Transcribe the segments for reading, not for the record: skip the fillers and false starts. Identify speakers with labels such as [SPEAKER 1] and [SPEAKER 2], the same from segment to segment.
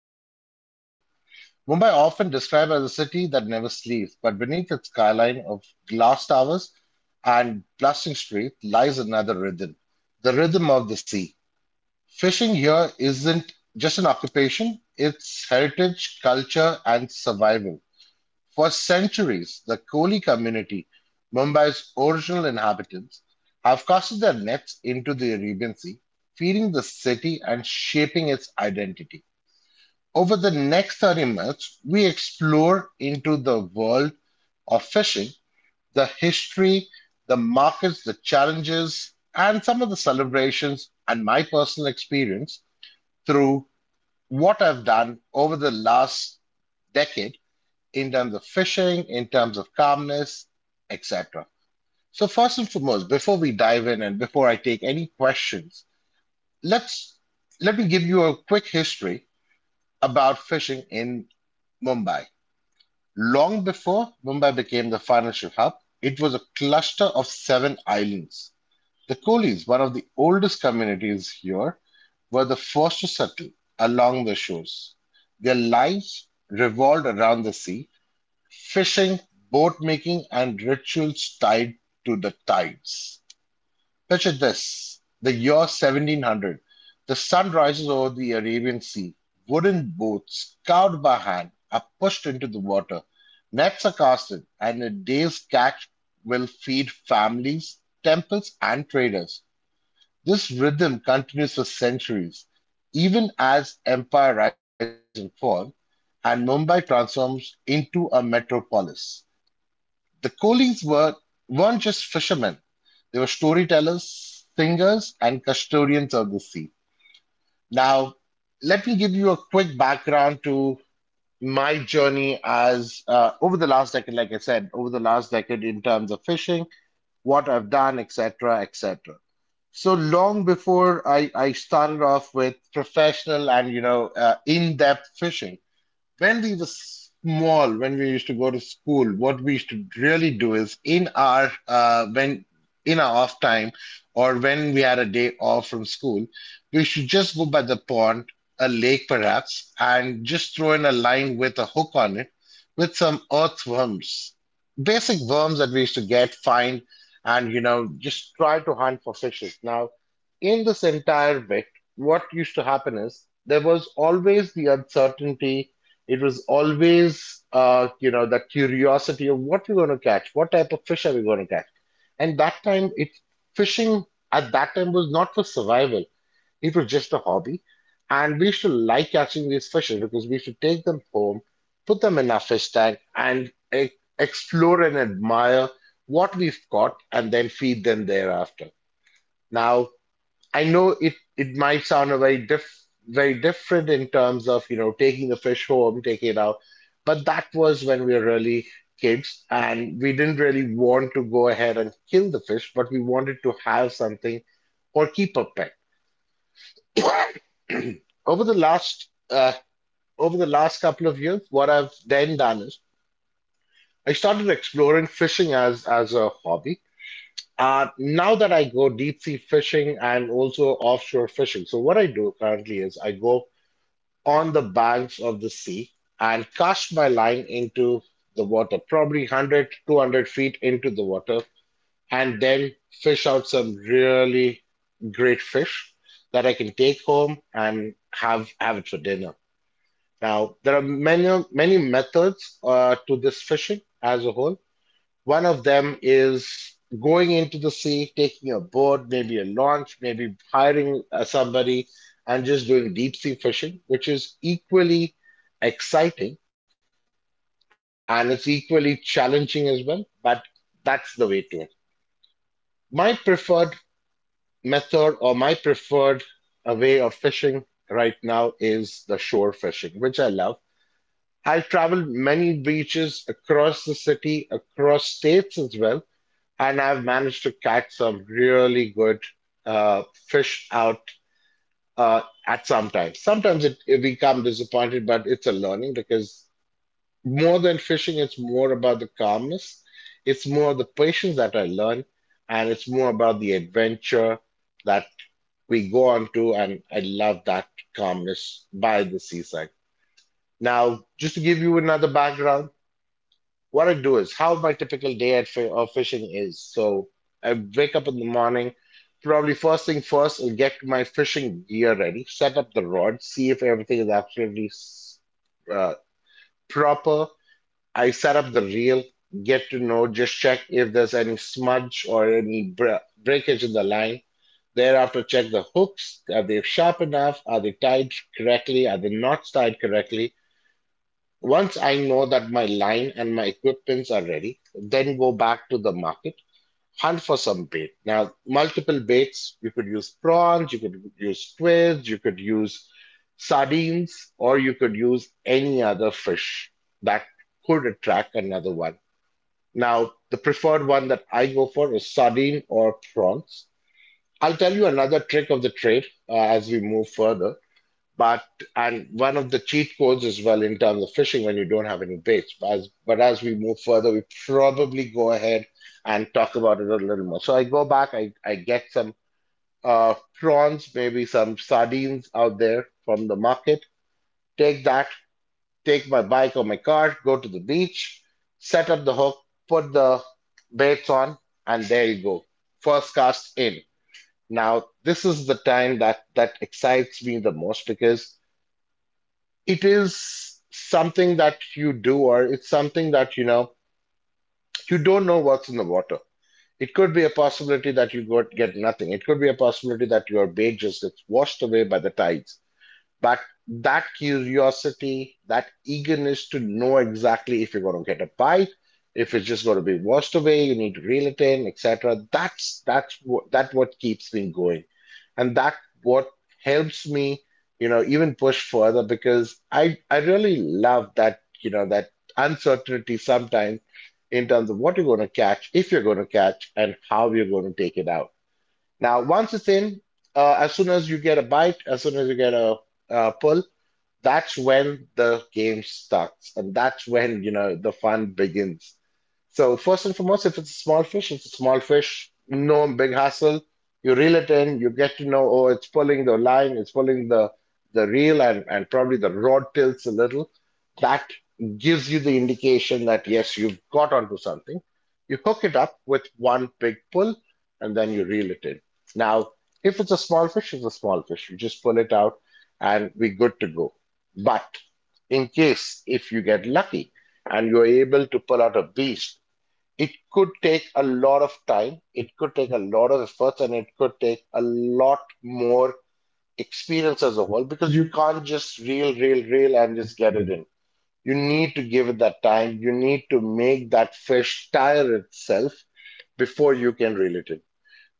[SPEAKER 1] fishing capital. Mumbai, often described as a city that never sleeps, but beneath its skyline of glass towers and bustling streets lies another rhythm, the rhythm of the sea. Fishing here isn't just an occupation, it's heritage, culture, and survival. For centuries, the Koli community, Mumbai's original inhabitants, have casted their nets into the Arabian Sea, feeding the city and shaping its identity. Over the next 30 minutes, we explore into the world of fishing, the history, the markets, the challenges, and some of the celebrations and my personal experience through what I've done over the last decade in terms of fishing, in terms of calmness, etc. So first and foremost, before we dive in and before I take any questions, let's let me give you a quick history about fishing in Mumbai. Long before Mumbai became the financial hub, it was a cluster of seven islands. The Colis, one of the oldest communities here, were the first to settle along the shores. Their lives revolved around the sea, fishing, boat-making and rituals tied to the tides. Picture this, the year 1700. The sun rises over the Arabian Sea. Wooden boats, carved by hand, are pushed into the water. Nets are casted, and a day's catch will feed families, temples, and traders. This rhythm continues for centuries, even as empire rise and fall, and Mumbai transforms into a metropolis. The Colings were weren't just fishermen; they were storytellers, singers, and custodians of the sea. Now, let me give you a quick background to my journey as, over the last decade, like I said, over the last decade in terms of fishing, what I've done, etc., etc. So long before I started off with professional and in-depth fishing. When we were small, when we used to go to school, what we used to really do is in our, when in our off time or when we had a day off from school, we should just go by the pond, a lake perhaps, and just throw in a line with a hook on it with some earthworms, basic worms that we used to get, find, and just try to hunt for fishes. Now, in this entire bit, what used to happen is there was always the uncertainty, it was always, that curiosity of what we're going to catch, what type of fish are we going to catch. And that time, it fishing at that time was not for survival; it was just a hobby. And we used to like catching these fishes because we used to take them home, put them in our fish tank, and explore and admire what we've caught, and then feed them thereafter. Now, I know it it might sound a very different in terms of, taking the fish home, taking it out, but that was when we were really kids and we didn't really want to go ahead and kill the fish, but we wanted to have something or keep a pet. Over the last uh, Over the last couple of years, what I've then done is I started exploring fishing as a hobby. Now that I go deep sea fishing and also offshore fishing. So what I do currently is I go on the banks of the sea and cast my line into the water, probably 100, 200 feet into the water, and then fish out some really great fish that I can take home and have it for dinner. Now, there are many methods to this fishing as a whole. One of them is going into the sea, taking a boat, maybe a launch, maybe hiring somebody and just doing deep sea fishing, which is equally exciting and it's equally challenging as well. But that's the way to it. My preferred my preferred way of fishing right now is the shore fishing, which I love. I've traveled many beaches across the city, across states as well, and I've managed to catch some really good, fish out at some times. Sometimes it become disappointed, but it's a learning because more than fishing, it's more about the calmness. It's more the patience that I learn, and it's more about the adventure that we go on to. And I love that calmness by the seaside. Now, just to give you another background, what I do is how my typical day at fi of fishing is. So I wake up in the morning, probably first thing first, I'll get my fishing gear ready, set up the rod, see if everything is absolutely uh, proper. I set up the reel, get to know, just check if there's any smudge or any br breakage in the line. Thereafter, check the hooks. Are they sharp enough? Are they tied correctly? Are they not tied correctly? Once I know that my line and my equipments are ready, then go back to the market, hunt for some bait. Now, multiple baits, you could use prawns, you could use squids, you could use sardines, or you could use any other fish that could attract another one. Now, the preferred one that I go for is sardine or prawns. I'll tell you another trick of the trade as we move further. But and one of the cheat codes as well in terms of fishing when you don't have any baits. But as we move further, we probably go ahead and talk about it a little more. So I go back, I get some, prawns, maybe some sardines out there from the market. Take that, take my bike or my car, go to the beach, set up the hook, put the baits on, and there you go. First cast in. Now, this is the time that excites me the most because it is something that you do or it's something that you don't know what's in the water. It could be a possibility that you get nothing, it could be a possibility that your bait just gets washed away by the tides, but that curiosity, that eagerness to know exactly if you're going to get a bite, if it's just going to be washed away, you need to reel it in, etc. That's what keeps me going, and that what helps me, even push further because I really love that you know that uncertainty sometimes in terms of what you're going to catch, if you're going to catch, and how you're going to take it out. Now, once it's in, as soon as you get a bite, as soon as you get a, pull, that's when the game starts, and that's when the fun begins. So first and foremost, if it's a small fish, it's a small fish, no big hassle. You reel it in, you get to know, oh, it's pulling the line, it's pulling the reel, and probably the rod tilts a little. That gives you the indication that yes, you've got onto something. You hook it up with one big pull, and then you reel it in. Now, if it's a small fish, it's a small fish. You just pull it out, and we're good to go. But in case if you get lucky and you're able to pull out a beast, it could take a lot of time, it could take a lot of efforts, and it could take a lot more experience as a whole because you can't just reel and just get it in. You need to give it that time. You need to make that fish tire itself before you can reel it in.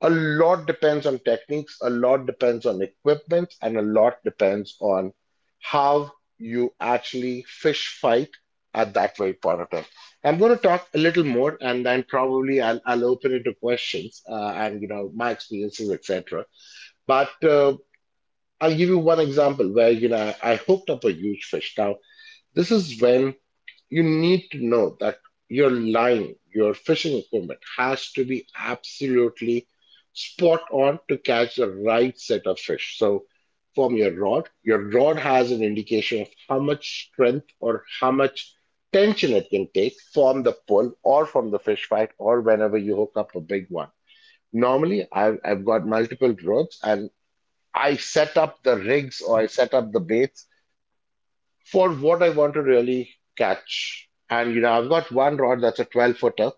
[SPEAKER 1] A lot depends on techniques, a lot depends on equipment, and a lot depends on how you actually fish fight at that very point of time. I'm going to talk a little more, and then probably I'll open it to questions, and my experiences, etc. But I'll give you one example where I hooked up a huge fish. Now this is when you need to know that your line, your fishing equipment has to be absolutely spot on to catch the right set of fish. So, from your rod has an indication of how much strength or how much tension it can take from the pull or from the fish fight or whenever you hook up a big one. Normally, I've got multiple rods and I set up the rigs or I set up the baits for what I want to really catch. And you know, I've got one rod that's a 12 footer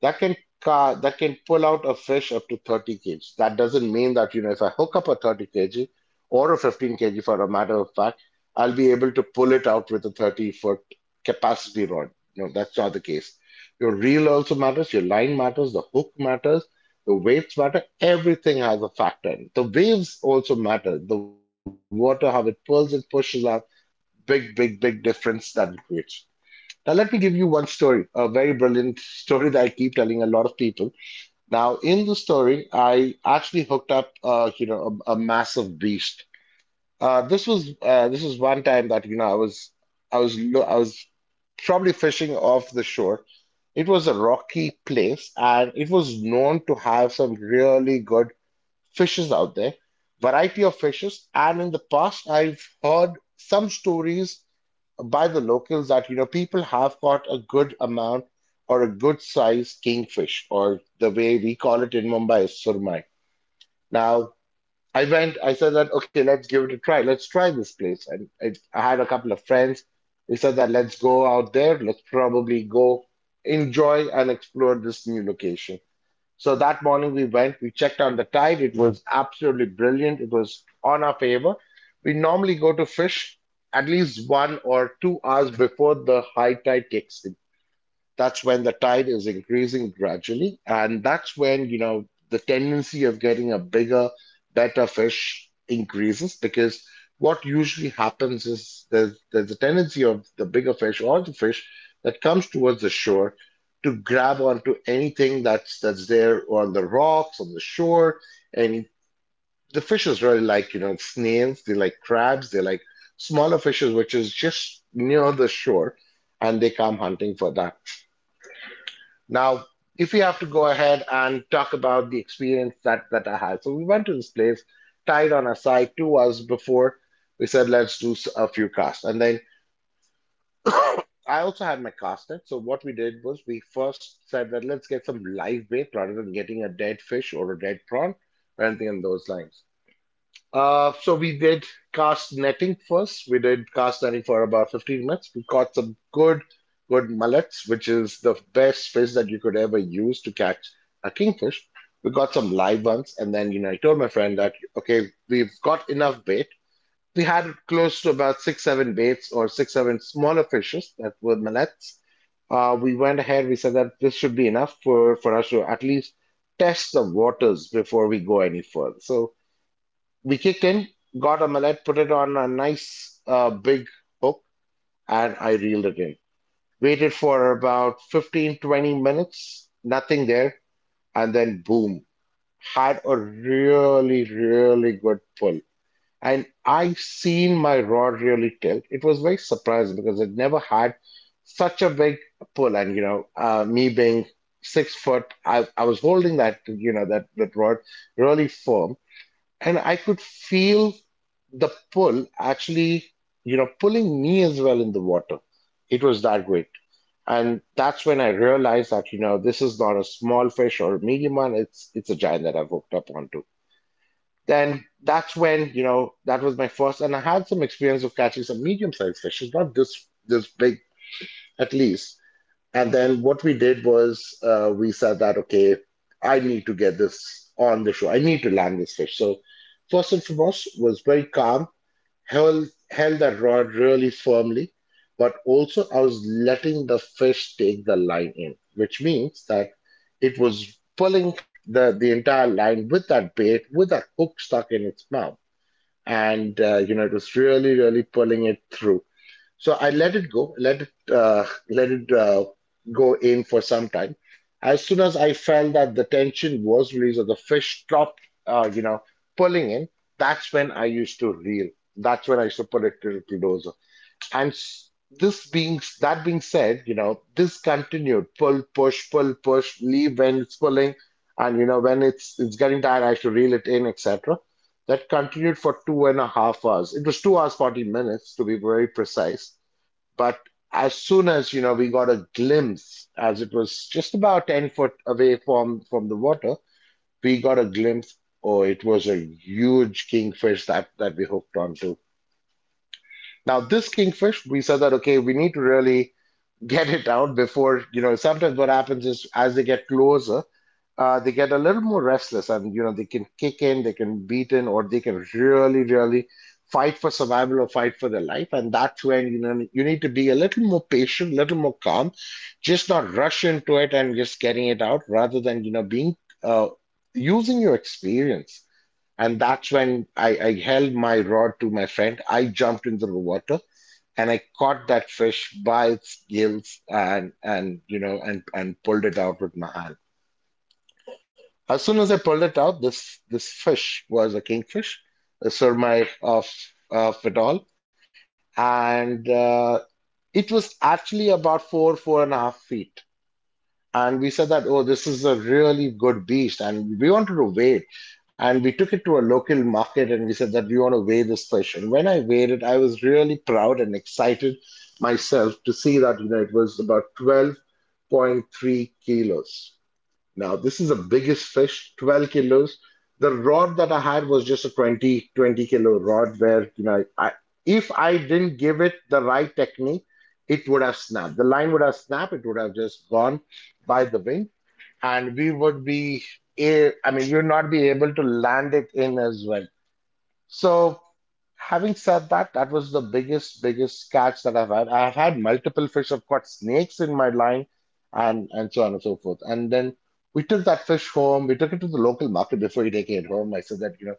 [SPEAKER 1] that can pull out a fish up to 30 kg. That doesn't mean that you know if I hook up a 30 kg or a 15 kg for a matter of fact, I'll be able to pull it out with a 30-foot capacity rod. No, that's not the case. Your reel also matters, your line matters, the hook matters, the weights matter, everything has a factor in it. The waves also matter. The water, how it pulls and pushes out. Big, big, big difference that it creates. Now, let me give you one story, a very brilliant story that I keep telling a lot of people. Now, in the story, I actually hooked up, you know, a massive beast. This was one time that you know I was probably fishing off the shore. It was a rocky place, and it was known to have some really good fishes out there, variety of fishes. And in the past, I've heard some stories by the locals that you know people have caught a good amount or a good size kingfish, or the way we call it in Mumbai is surmai. Now I went, I said that okay, let's give it a try. Let's try this place, and I had a couple of friends. They said that let's go out there. Let's probably go enjoy and explore this new location. So that morning we went, we checked on the tide. It was absolutely brilliant. It was on our favor. We normally go to fish at least 1 or 2 hours before the high tide kicks in. That's when the tide is increasing gradually, and that's when, you know, the tendency of getting a bigger, better fish increases because what usually happens is there's a tendency of the bigger fish or the fish that comes towards the shore to grab onto anything that's there on the rocks, on the shore, and the fishes really like, you know, snails, they like crabs, they like smaller fishes, which is just near the shore, and they come hunting for that. Now, if we have to go ahead and talk about the experience that I had, so we went to this place, tied on a side 2 hours before. We said let's do a few casts, and then I also had my cast net. So what we did was we first said that let's get some live bait rather than getting a dead fish or a dead prawn or anything on those lines. So we did cast netting first. We did cast netting for about 15 minutes. We caught some good, good mullets, which is the best fish that you could ever use to catch a kingfish. We got some live ones, and then you know I told my friend that okay, we've got enough bait. We had close to about six, seven baits or six, seven smaller fishes that were mullets. We went ahead. We said that this should be enough for us to at least test the waters before we go any further. So we kicked in, got a mullet, put it on a nice big hook, and I reeled it in. Waited for about 15, 20 minutes, nothing there, and then boom, had a really, really good pull. And I've seen my rod really tilt. It was very surprising because it never had such a big pull. And, you know, me being 6 foot, I was holding that, you know, that rod really firm and I could feel the pull actually, you know, pulling me as well in the water. It was that great. And that's when I realized that, you know, this is not a small fish or a medium one. It's a giant that I've hooked up onto. Then that's when, you know, that was my first, and I had some experience of catching some medium-sized fishes, not this big at least. And then what we did was we said that, okay, I need to get this on the show. I need to land this fish. So first and foremost was very calm, held that rod really firmly, but also I was letting the fish take the line in, which means that it was pulling the entire line with that bait, with that hook stuck in its mouth. And, you know, it was really, really pulling it through. So I let it go in for some time. As soon as I felt that the tension was released or the fish stopped, you know, pulling in, that's when I used to reel. That's when I used to put it to the bulldozer. And this being that being said, you know, this continued pull, push, leave when it's pulling, and you know when it's getting tired, I used to reel it in, etc. That continued for 2.5 hours. It was 2 hours 40 minutes to be very precise, but as soon as, you know, we got a glimpse, as it was just about 10 foot away from the water, we got a glimpse. Oh, it was a huge kingfish that we hooked onto. Now, this kingfish, we said that, okay, we need to really get it out before, you know, sometimes what happens is as they get closer, they get a little more restless and, you know, they can kick in, they can beat in, or they can really, really fight for survival or fight for their life. And that's when, you know, you need to be a little more patient, a little more calm, just not rush into it and just getting it out rather than, you know, being, uh, using your experience. And that's when I held my rod to my friend. I jumped into the water and I caught that fish by its gills and you know and pulled it out with my hand. As soon as I pulled it out, this fish was a kingfish, a surmite of it all, and it was actually about 4.5 feet. And we said that, oh, this is a really good beast, and we wanted to weigh it. And we took it to a local market and we said that we want to weigh this fish. And when I weighed it, I was really proud and excited myself to see that, you know, it was about 12.3 kilos. Now, this is the biggest fish, 12 kilos. The rod that I had was just a twenty-kilo rod where, you know, if I didn't give it the right technique, it would have snapped. The line would have snapped. It would have just gone by the wind, and we would be, I mean, you would not be able to land it in as well. So having said that, that was the biggest, biggest catch that I've had. I've had multiple fish. I've caught snakes in my line, and so on and so forth. And then we took that fish home. We took it to the local market before we take it home. I said that, you know,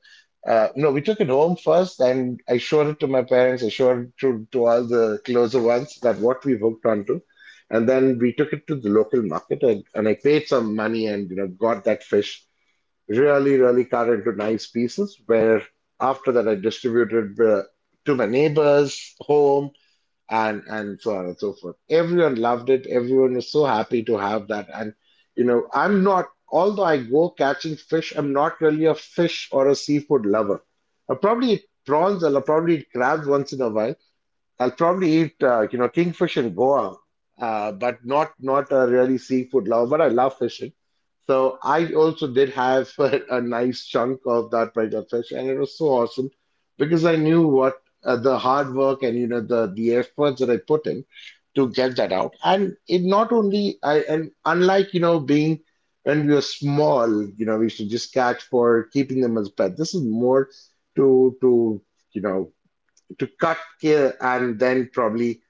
[SPEAKER 1] no, we took it home first, and I showed it to my parents. I showed it to all the closer ones that what we hooked onto, and then we took it to the local market, and, I paid some money and you know got that fish really, really cut into nice pieces. Where after that, I distributed to my neighbors, home, and so on and so forth. Everyone loved it. Everyone was so happy to have that. And you know, I'm not. Although I go catching fish, I'm not really a fish or a seafood lover. I probably eat prawns. I'll probably eat crabs once in a while. I'll probably eat, you know, kingfish in Goa, but not a really seafood lover. But I love fishing, so I also did have a nice chunk of that particular fish, and it was so awesome because I knew what, the hard work and you know the efforts that I put in to get that out. And it not only I and unlike you know being when we were small, you know, we used to just catch for keeping them as pet. This is more to, you know, to cut here and then probably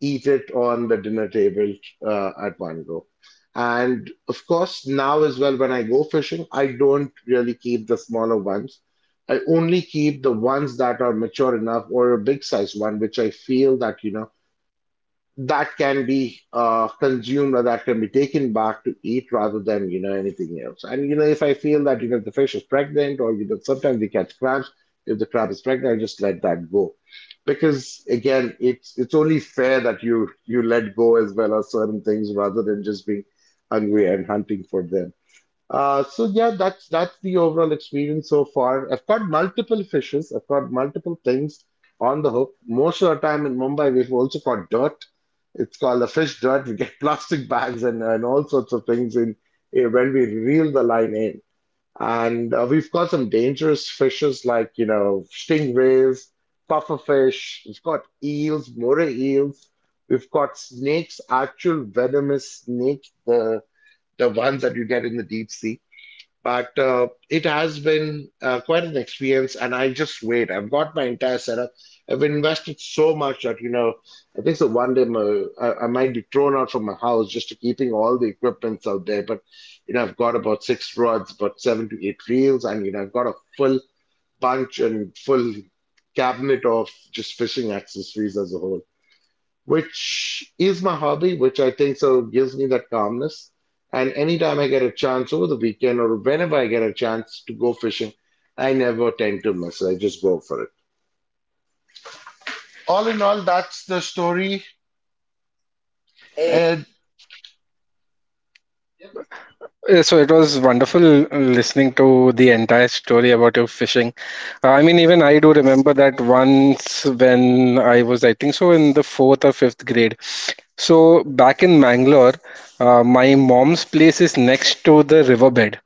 [SPEAKER 1] eat it on the dinner table at one go. And of course, now as well, when I go fishing, I don't really keep the smaller ones. I only keep the ones that are mature enough or a big size one, which I feel that, you know, that can be consumed or that can be taken back to eat rather than anything else. And you know if I feel that the fish is pregnant, or you know sometimes we catch crabs, if the crab is pregnant, I just let that go because again it's only fair that you let go as well of certain things rather than just being hungry and hunting for them. So yeah, that's the overall experience so far. I've caught multiple fishes. I've caught multiple things on the hook. Most of the time in Mumbai, we've also caught dirt. It's called a fish dirt. We get plastic bags and all sorts of things in when we reel the line in. And we've caught some dangerous fishes like, you know, stingrays, pufferfish. We've caught eels, moray eels. We've caught snakes, actual venomous snakes, the ones that you get in the deep sea. But it has been quite an experience, and I just wait. I've got my entire setup. I've invested so much that, you know, I think so one day I might be thrown out from my house just to keeping all the equipments out there. But, you know, I've got about six rods, about seven to eight reels, and, you know, I've got a full bunch and full cabinet of just fishing accessories as a whole, which is my hobby, which I think so gives me that calmness. And anytime I get a chance over the weekend or whenever I get a chance to go fishing, I never tend to miss it. I just go for it. All in all, that's the story.
[SPEAKER 2] Yep.
[SPEAKER 1] And
[SPEAKER 2] So it was wonderful listening to the entire story about your fishing. Even I do remember that once when I was, in the fourth or fifth grade. So back in Mangalore, my mom's place is next to the riverbed.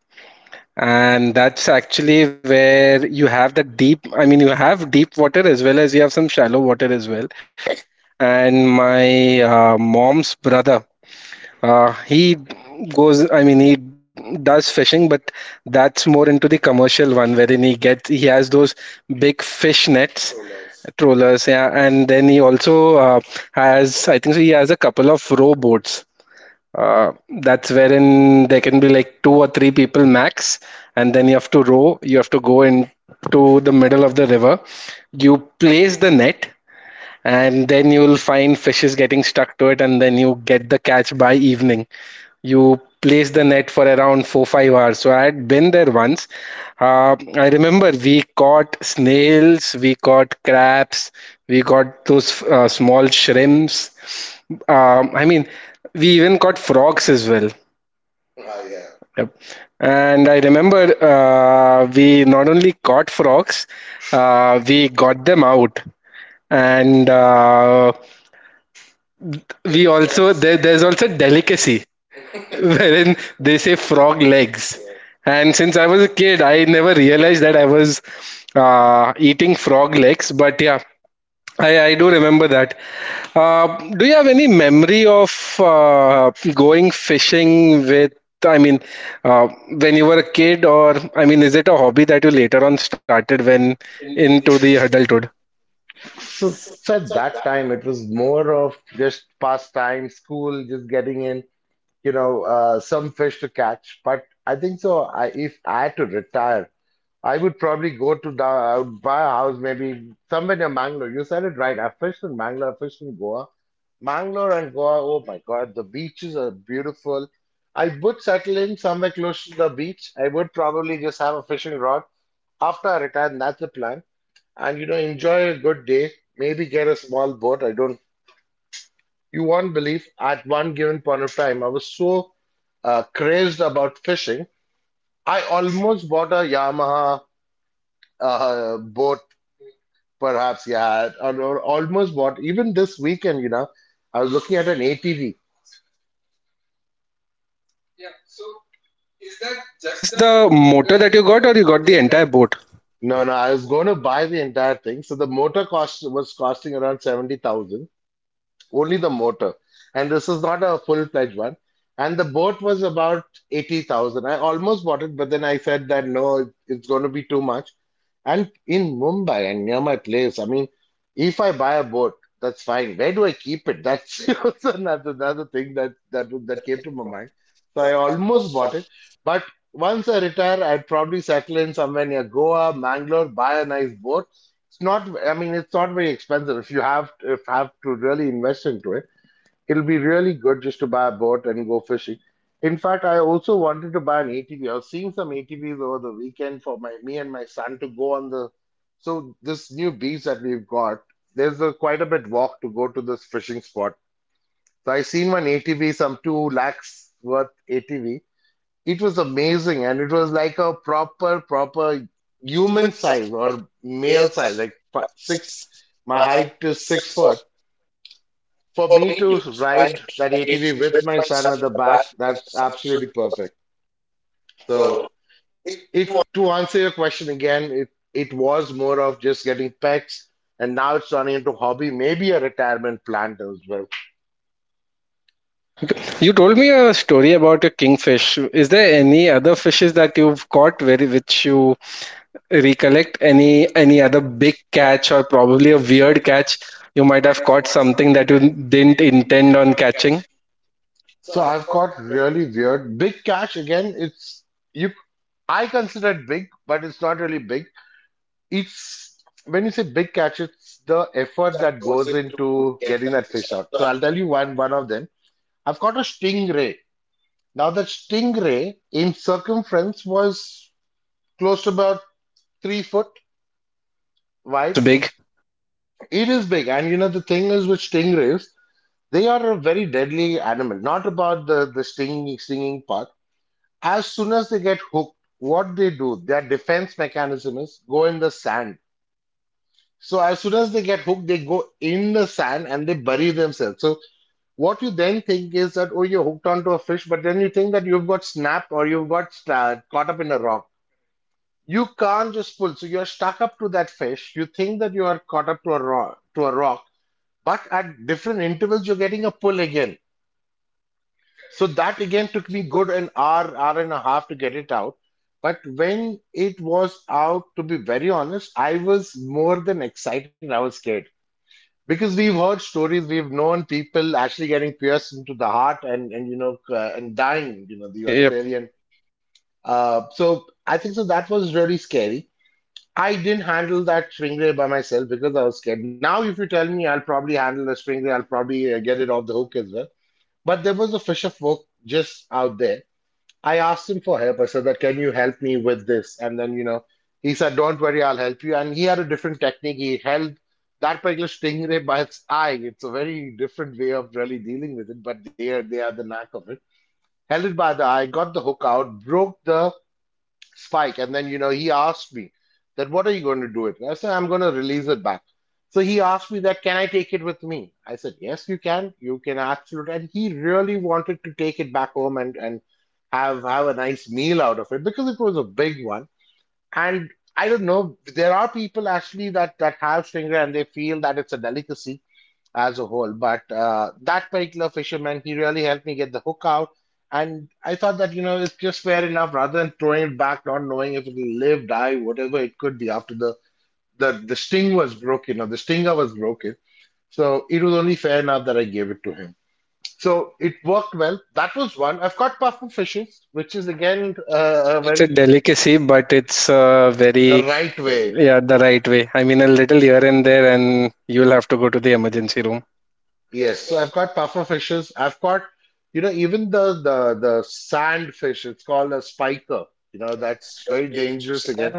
[SPEAKER 2] And that's actually where you have the deep water as well as you have some shallow water as well. And my mom's brother, he goes, I mean, he does fishing, but that's more into the commercial one wherein he has those big fish nets, trawlers, yeah, and then he also has, he has a couple of rowboats. Uh, that's wherein there can be like two or three people max, and then you have to you have to go into the middle of the river, you place the net, and then you will find fishes getting stuck to it, and then you get the catch by evening. You place the net for around 4-5 hours. So I had been there once. I remember we caught snails, we caught crabs, we got those small shrimps. I mean, we even caught frogs as well. Yep. And I remember we not only caught frogs, we got them out. And we also There's also delicacy wherein they say frog legs. And since I was a kid, I never realized that I was eating frog legs. But yeah, I do remember that. Do you have any memory of going fishing with, I mean, when you were a kid, or I mean, is it a hobby that you later on started when into the adulthood?
[SPEAKER 1] so, so at that time, it was more of just pastime, school, just getting in, you know, some fish to catch. But I think so. I, if I had to retire, I would probably go to the, I would buy a house maybe somewhere near Mangalore. You said it right. I fished in Mangalore, I fished in Goa. Mangalore and Goa, oh my God, the beaches are beautiful. I would settle in somewhere close to the beach. I would probably just have a fishing rod after I retire, and that's the plan. And you know, enjoy a good day. Maybe get a small boat. I don't, you won't believe at one given point of time, I was so crazed about fishing. I almost bought a Yamaha boat. Perhaps, yeah, or almost. What even this weekend. You know, I was looking at an ATV.
[SPEAKER 2] That just the motor that you got, or you got the entire boat?
[SPEAKER 1] No, no, I was going to buy the entire thing. So the motor cost was costing around 70,000. Only the motor. And this is not a full-fledged one. And the boat was about 80,000. I almost bought it, but then I said that no, it's going to be too much. And in Mumbai and near my place, I mean, if I buy a boat, that's fine. Where do I keep it? That's also another thing that that came to my mind. So I almost bought it, but once I retire, I'd probably settle in somewhere near Goa, Mangalore, buy a nice boat. It's not, I mean, it's not very expensive if you have, if have to really invest into it, it'll be really good just to buy a boat and go fishing. In fact, I also wanted to buy an ATV. I was seeing some ATVs over the weekend for my me and my son to go on the, so this new beach that we've got, there's a quite a bit walk to go to this fishing spot. So I seen one ATV, some 2 lakhs worth ATV. It was amazing, and it was like a proper, proper human size or male size, like six. My height is six foot. For me to ride that ATV with my son at the back, that's absolutely perfect. So, it to answer your question again, it was more of just getting pets, and now it's turning into hobby, maybe a retirement plan as well.
[SPEAKER 2] You told me a story about your kingfish. Is there any other fishes that you've caught where which you recollect? Any other big catch or probably a weird catch? You might have caught something that you didn't intend on catching.
[SPEAKER 1] So I've got really weird big cash again. It's you I consider it big, but it's not really big. It's when you say big catch, it's the effort that goes into getting that fish out. So I'll tell you one of them. I've caught a stingray. Now that stingray in circumference was close to about three-foot
[SPEAKER 2] That's
[SPEAKER 1] wide.
[SPEAKER 2] big.
[SPEAKER 1] It is big, and you know the thing is with stingrays, they are a very deadly animal. Not about the stinging part. As soon as they get hooked, what they do, their defense mechanism is go in the sand. So as soon as they get hooked, they go in the sand and they bury themselves. So what you then think is that, oh, you're hooked onto a fish, but then you think that you've got snapped or you've got sta caught up in a rock. You can't just pull. So you're stuck up to that fish. You think that you are caught up to a rock, but at different intervals, you're getting a pull again. So that again took me good an hour, hour and a half to get it out. But when it was out, to be very honest, I was more than excited. I was scared. Because we've heard stories, we've known people actually getting pierced into the heart and you know and dying, you know, the
[SPEAKER 2] Yep.
[SPEAKER 1] Australian. So I think so that was really scary. I didn't handle that stingray by myself because I was scared. Now, if you tell me, I'll probably handle the stingray. I'll probably get it off the hook as well. But there was a fish of folk just out there. I asked him for help. I said that, can you help me with this? And then, you know, he said, don't worry, I'll help you. And he had a different technique. He held that particular stingray by its eye. It's a very different way of really dealing with it, but they are the knack of it. Held it by the eye, got the hook out, broke the spike. And then, you know, he asked me that, what are you going to do it? And I said, I'm going to release it back. So he asked me that, can I take it with me? I said, yes, you can. You can absolutely. And he really wanted to take it back home and have a nice meal out of it because it was a big one. And I don't know, there are people actually that have stingray and they feel that it's a delicacy as a whole. But that particular fisherman, he really helped me get the hook out. And I thought that, you know, it's just fair enough rather than throwing it back, not knowing if it'll live, die, whatever it could be after the sting was broken or the stinger was broken. So it was only fair enough that I gave it to him. So it worked well. That was one. I've caught puffer fishes, which is again a
[SPEAKER 2] It's a
[SPEAKER 1] very
[SPEAKER 2] delicacy, but it's
[SPEAKER 1] the
[SPEAKER 2] very
[SPEAKER 1] right way.
[SPEAKER 2] yeah the right way. I mean, a little here and there, and you'll have to go to the emergency room.
[SPEAKER 1] Yes, so I've got puffer fishes. I've got, you know, even the sand fish. It's called a spiker. You know, that's very dangerous again.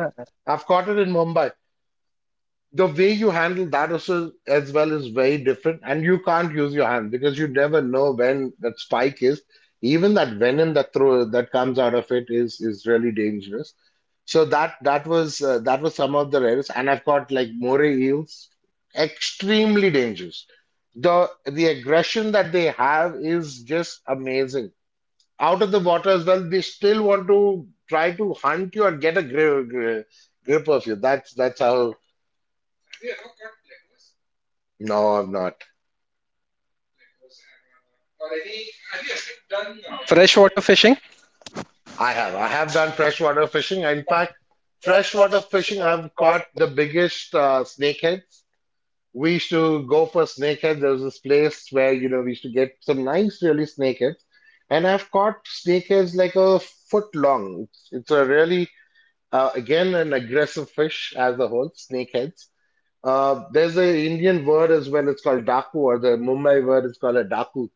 [SPEAKER 1] I've caught it in Mumbai. The way you handle that also as well is very different, and you can't use your hand because you never know when that spike is, even that venom that throw that comes out of it is really dangerous. So that was some of the rarest, and I've caught like moray eels. Extremely dangerous. The aggression that they have is just amazing. Out of the water as well, they still want to try to hunt you and get a grip, grip of you. That's how.
[SPEAKER 2] Have you ever caught plecos?
[SPEAKER 1] No, I've not.
[SPEAKER 2] Plecos, arwana, or any? Have you ever done freshwater fishing?
[SPEAKER 1] I have. I have done freshwater fishing. In fact, freshwater fishing, I've caught the biggest snakeheads. We used to go for snakeheads. There was this place where, you know, we used to get some nice, really snakeheads. And I've caught snakeheads like a foot long. It's a really, again, an aggressive fish as a whole, snakeheads. There's an Indian word as well. It's called daku, or the Mumbai word is called a daku,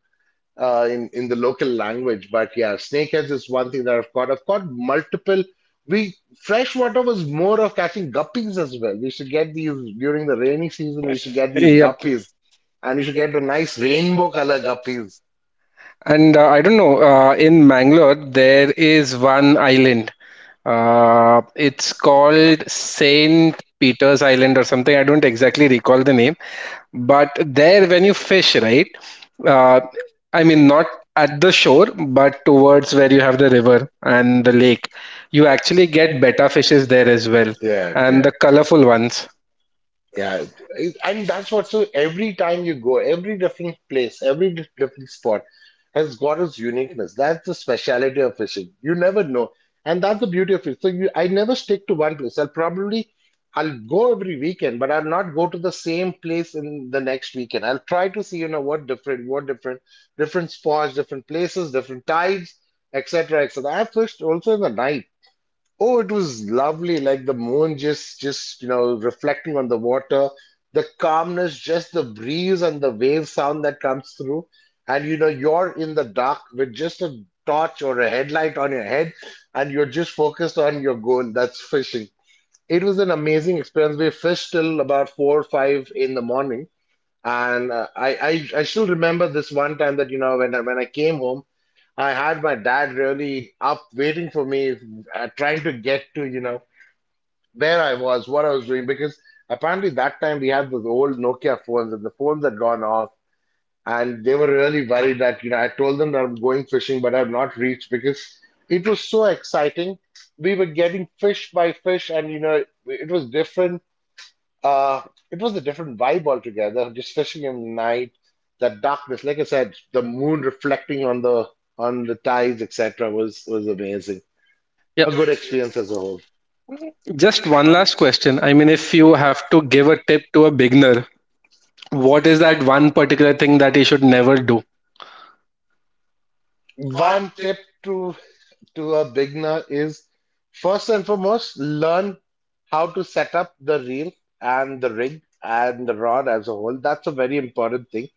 [SPEAKER 1] in the local language. But yeah, snakeheads is one thing that I've caught. I've caught multiple. We freshwater was more of catching guppies as well. We should get these during the rainy season. We should get these
[SPEAKER 2] Yep.
[SPEAKER 1] guppies, and we should get the nice rainbow color guppies.
[SPEAKER 2] And I don't know, in Mangalore, there is one island. It's called Saint Peter's Island or something. I don't exactly recall the name.
[SPEAKER 1] But
[SPEAKER 2] But there,
[SPEAKER 1] there
[SPEAKER 2] when you
[SPEAKER 1] very
[SPEAKER 2] fish, right?
[SPEAKER 1] specially,
[SPEAKER 2] Uh,
[SPEAKER 1] I mean,
[SPEAKER 2] not
[SPEAKER 1] not at
[SPEAKER 2] at the shore, but
[SPEAKER 1] the
[SPEAKER 2] towards
[SPEAKER 1] towards
[SPEAKER 2] where you
[SPEAKER 1] that you
[SPEAKER 2] have
[SPEAKER 1] have
[SPEAKER 2] the
[SPEAKER 1] the river
[SPEAKER 2] river
[SPEAKER 1] and
[SPEAKER 2] and the
[SPEAKER 1] the
[SPEAKER 2] lake,
[SPEAKER 1] lake,
[SPEAKER 2] you
[SPEAKER 1] you
[SPEAKER 2] actually
[SPEAKER 1] actually
[SPEAKER 2] get
[SPEAKER 1] get
[SPEAKER 2] betta
[SPEAKER 1] better
[SPEAKER 2] fishes
[SPEAKER 1] fishes
[SPEAKER 2] there
[SPEAKER 1] there
[SPEAKER 2] as
[SPEAKER 1] as
[SPEAKER 2] well,
[SPEAKER 1] well. Yeah, yeah.
[SPEAKER 2] and the
[SPEAKER 1] And the
[SPEAKER 2] colorful
[SPEAKER 1] colorful
[SPEAKER 2] ones.
[SPEAKER 1] ones. Yeah, and that's what. So every time you go, every different place, different spot has got its uniqueness. That's the speciality of fishing. You never know, and that's the beauty of it. So you, I never stick to one place. I'll probably, I'll go every weekend, but I'll not go to the same place in the next weekend. I'll try to see, you know, what different, different spots, different places, different tides, etc., etc. I fished also in the night. Oh, it was lovely. Like the moon just, you know, reflecting on the water, the calmness, just the breeze and the wave sound that comes through. And, you know, you're in the dark with just a torch or a headlight on your head, and you're just focused on your goal. That's fishing. It was an amazing experience. We fished till about four or five in the morning. And I still remember this one time that you know when I came home, I had my dad really up waiting for me, trying to get to you know where I was, what I was doing, because apparently that time we had those old Nokia phones and the phones had gone off, and they were really worried that you know I told them that I'm going fishing, but I've not reached because it was so exciting. We were getting fish by fish, and you know it was different uh, it was a different vibe altogether, just fishing in the night, that darkness. Like I said, the moon reflecting on the tides, etc., was amazing.
[SPEAKER 2] Yep.
[SPEAKER 1] A good experience as a whole.
[SPEAKER 2] Just one last question. I mean, if you have to give a tip to a beginner, what is that one particular thing that you should never do?
[SPEAKER 1] One tip to to a beginner is first and foremost learn how to set up the reel and the rig and the rod as a whole. That's a very important thing.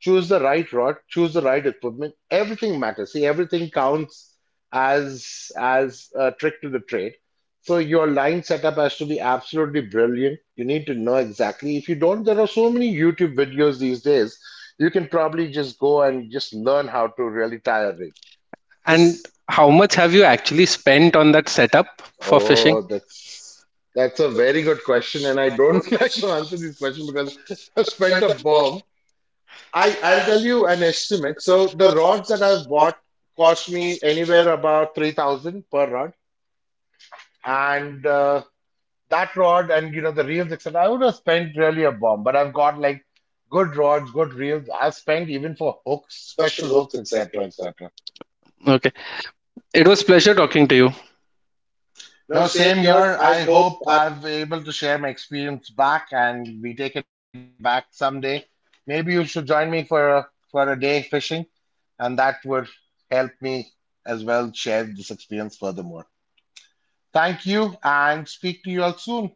[SPEAKER 1] Choose the right rod, choose the right equipment. Everything matters. See, everything counts as a trick to the trade. So your line setup has to be absolutely brilliant. You need to know exactly. If you don't, there are so many YouTube videos these days. You can probably just go and just learn how to really tie a rig.
[SPEAKER 2] And
[SPEAKER 1] This,
[SPEAKER 2] how much have you actually spent on that setup for fishing?
[SPEAKER 1] oh, that's a very good question, and I don't like to answer these questions because I've spent a bomb. I'll tell you an estimate. So the rods that I've bought cost me anywhere about 3,000 per rod. And that rod and you know the reels, etc. I would have spent really a bomb, but I've got like good rods, good reels. I've spent even for hooks, special hooks, etc., etc. Now, same year, I hope I've able to share my experience back and we take it back someday. Maybe you should join me for a day fishing, and that would help me as well share this experience furthermore. Thank you and speak to you all soon.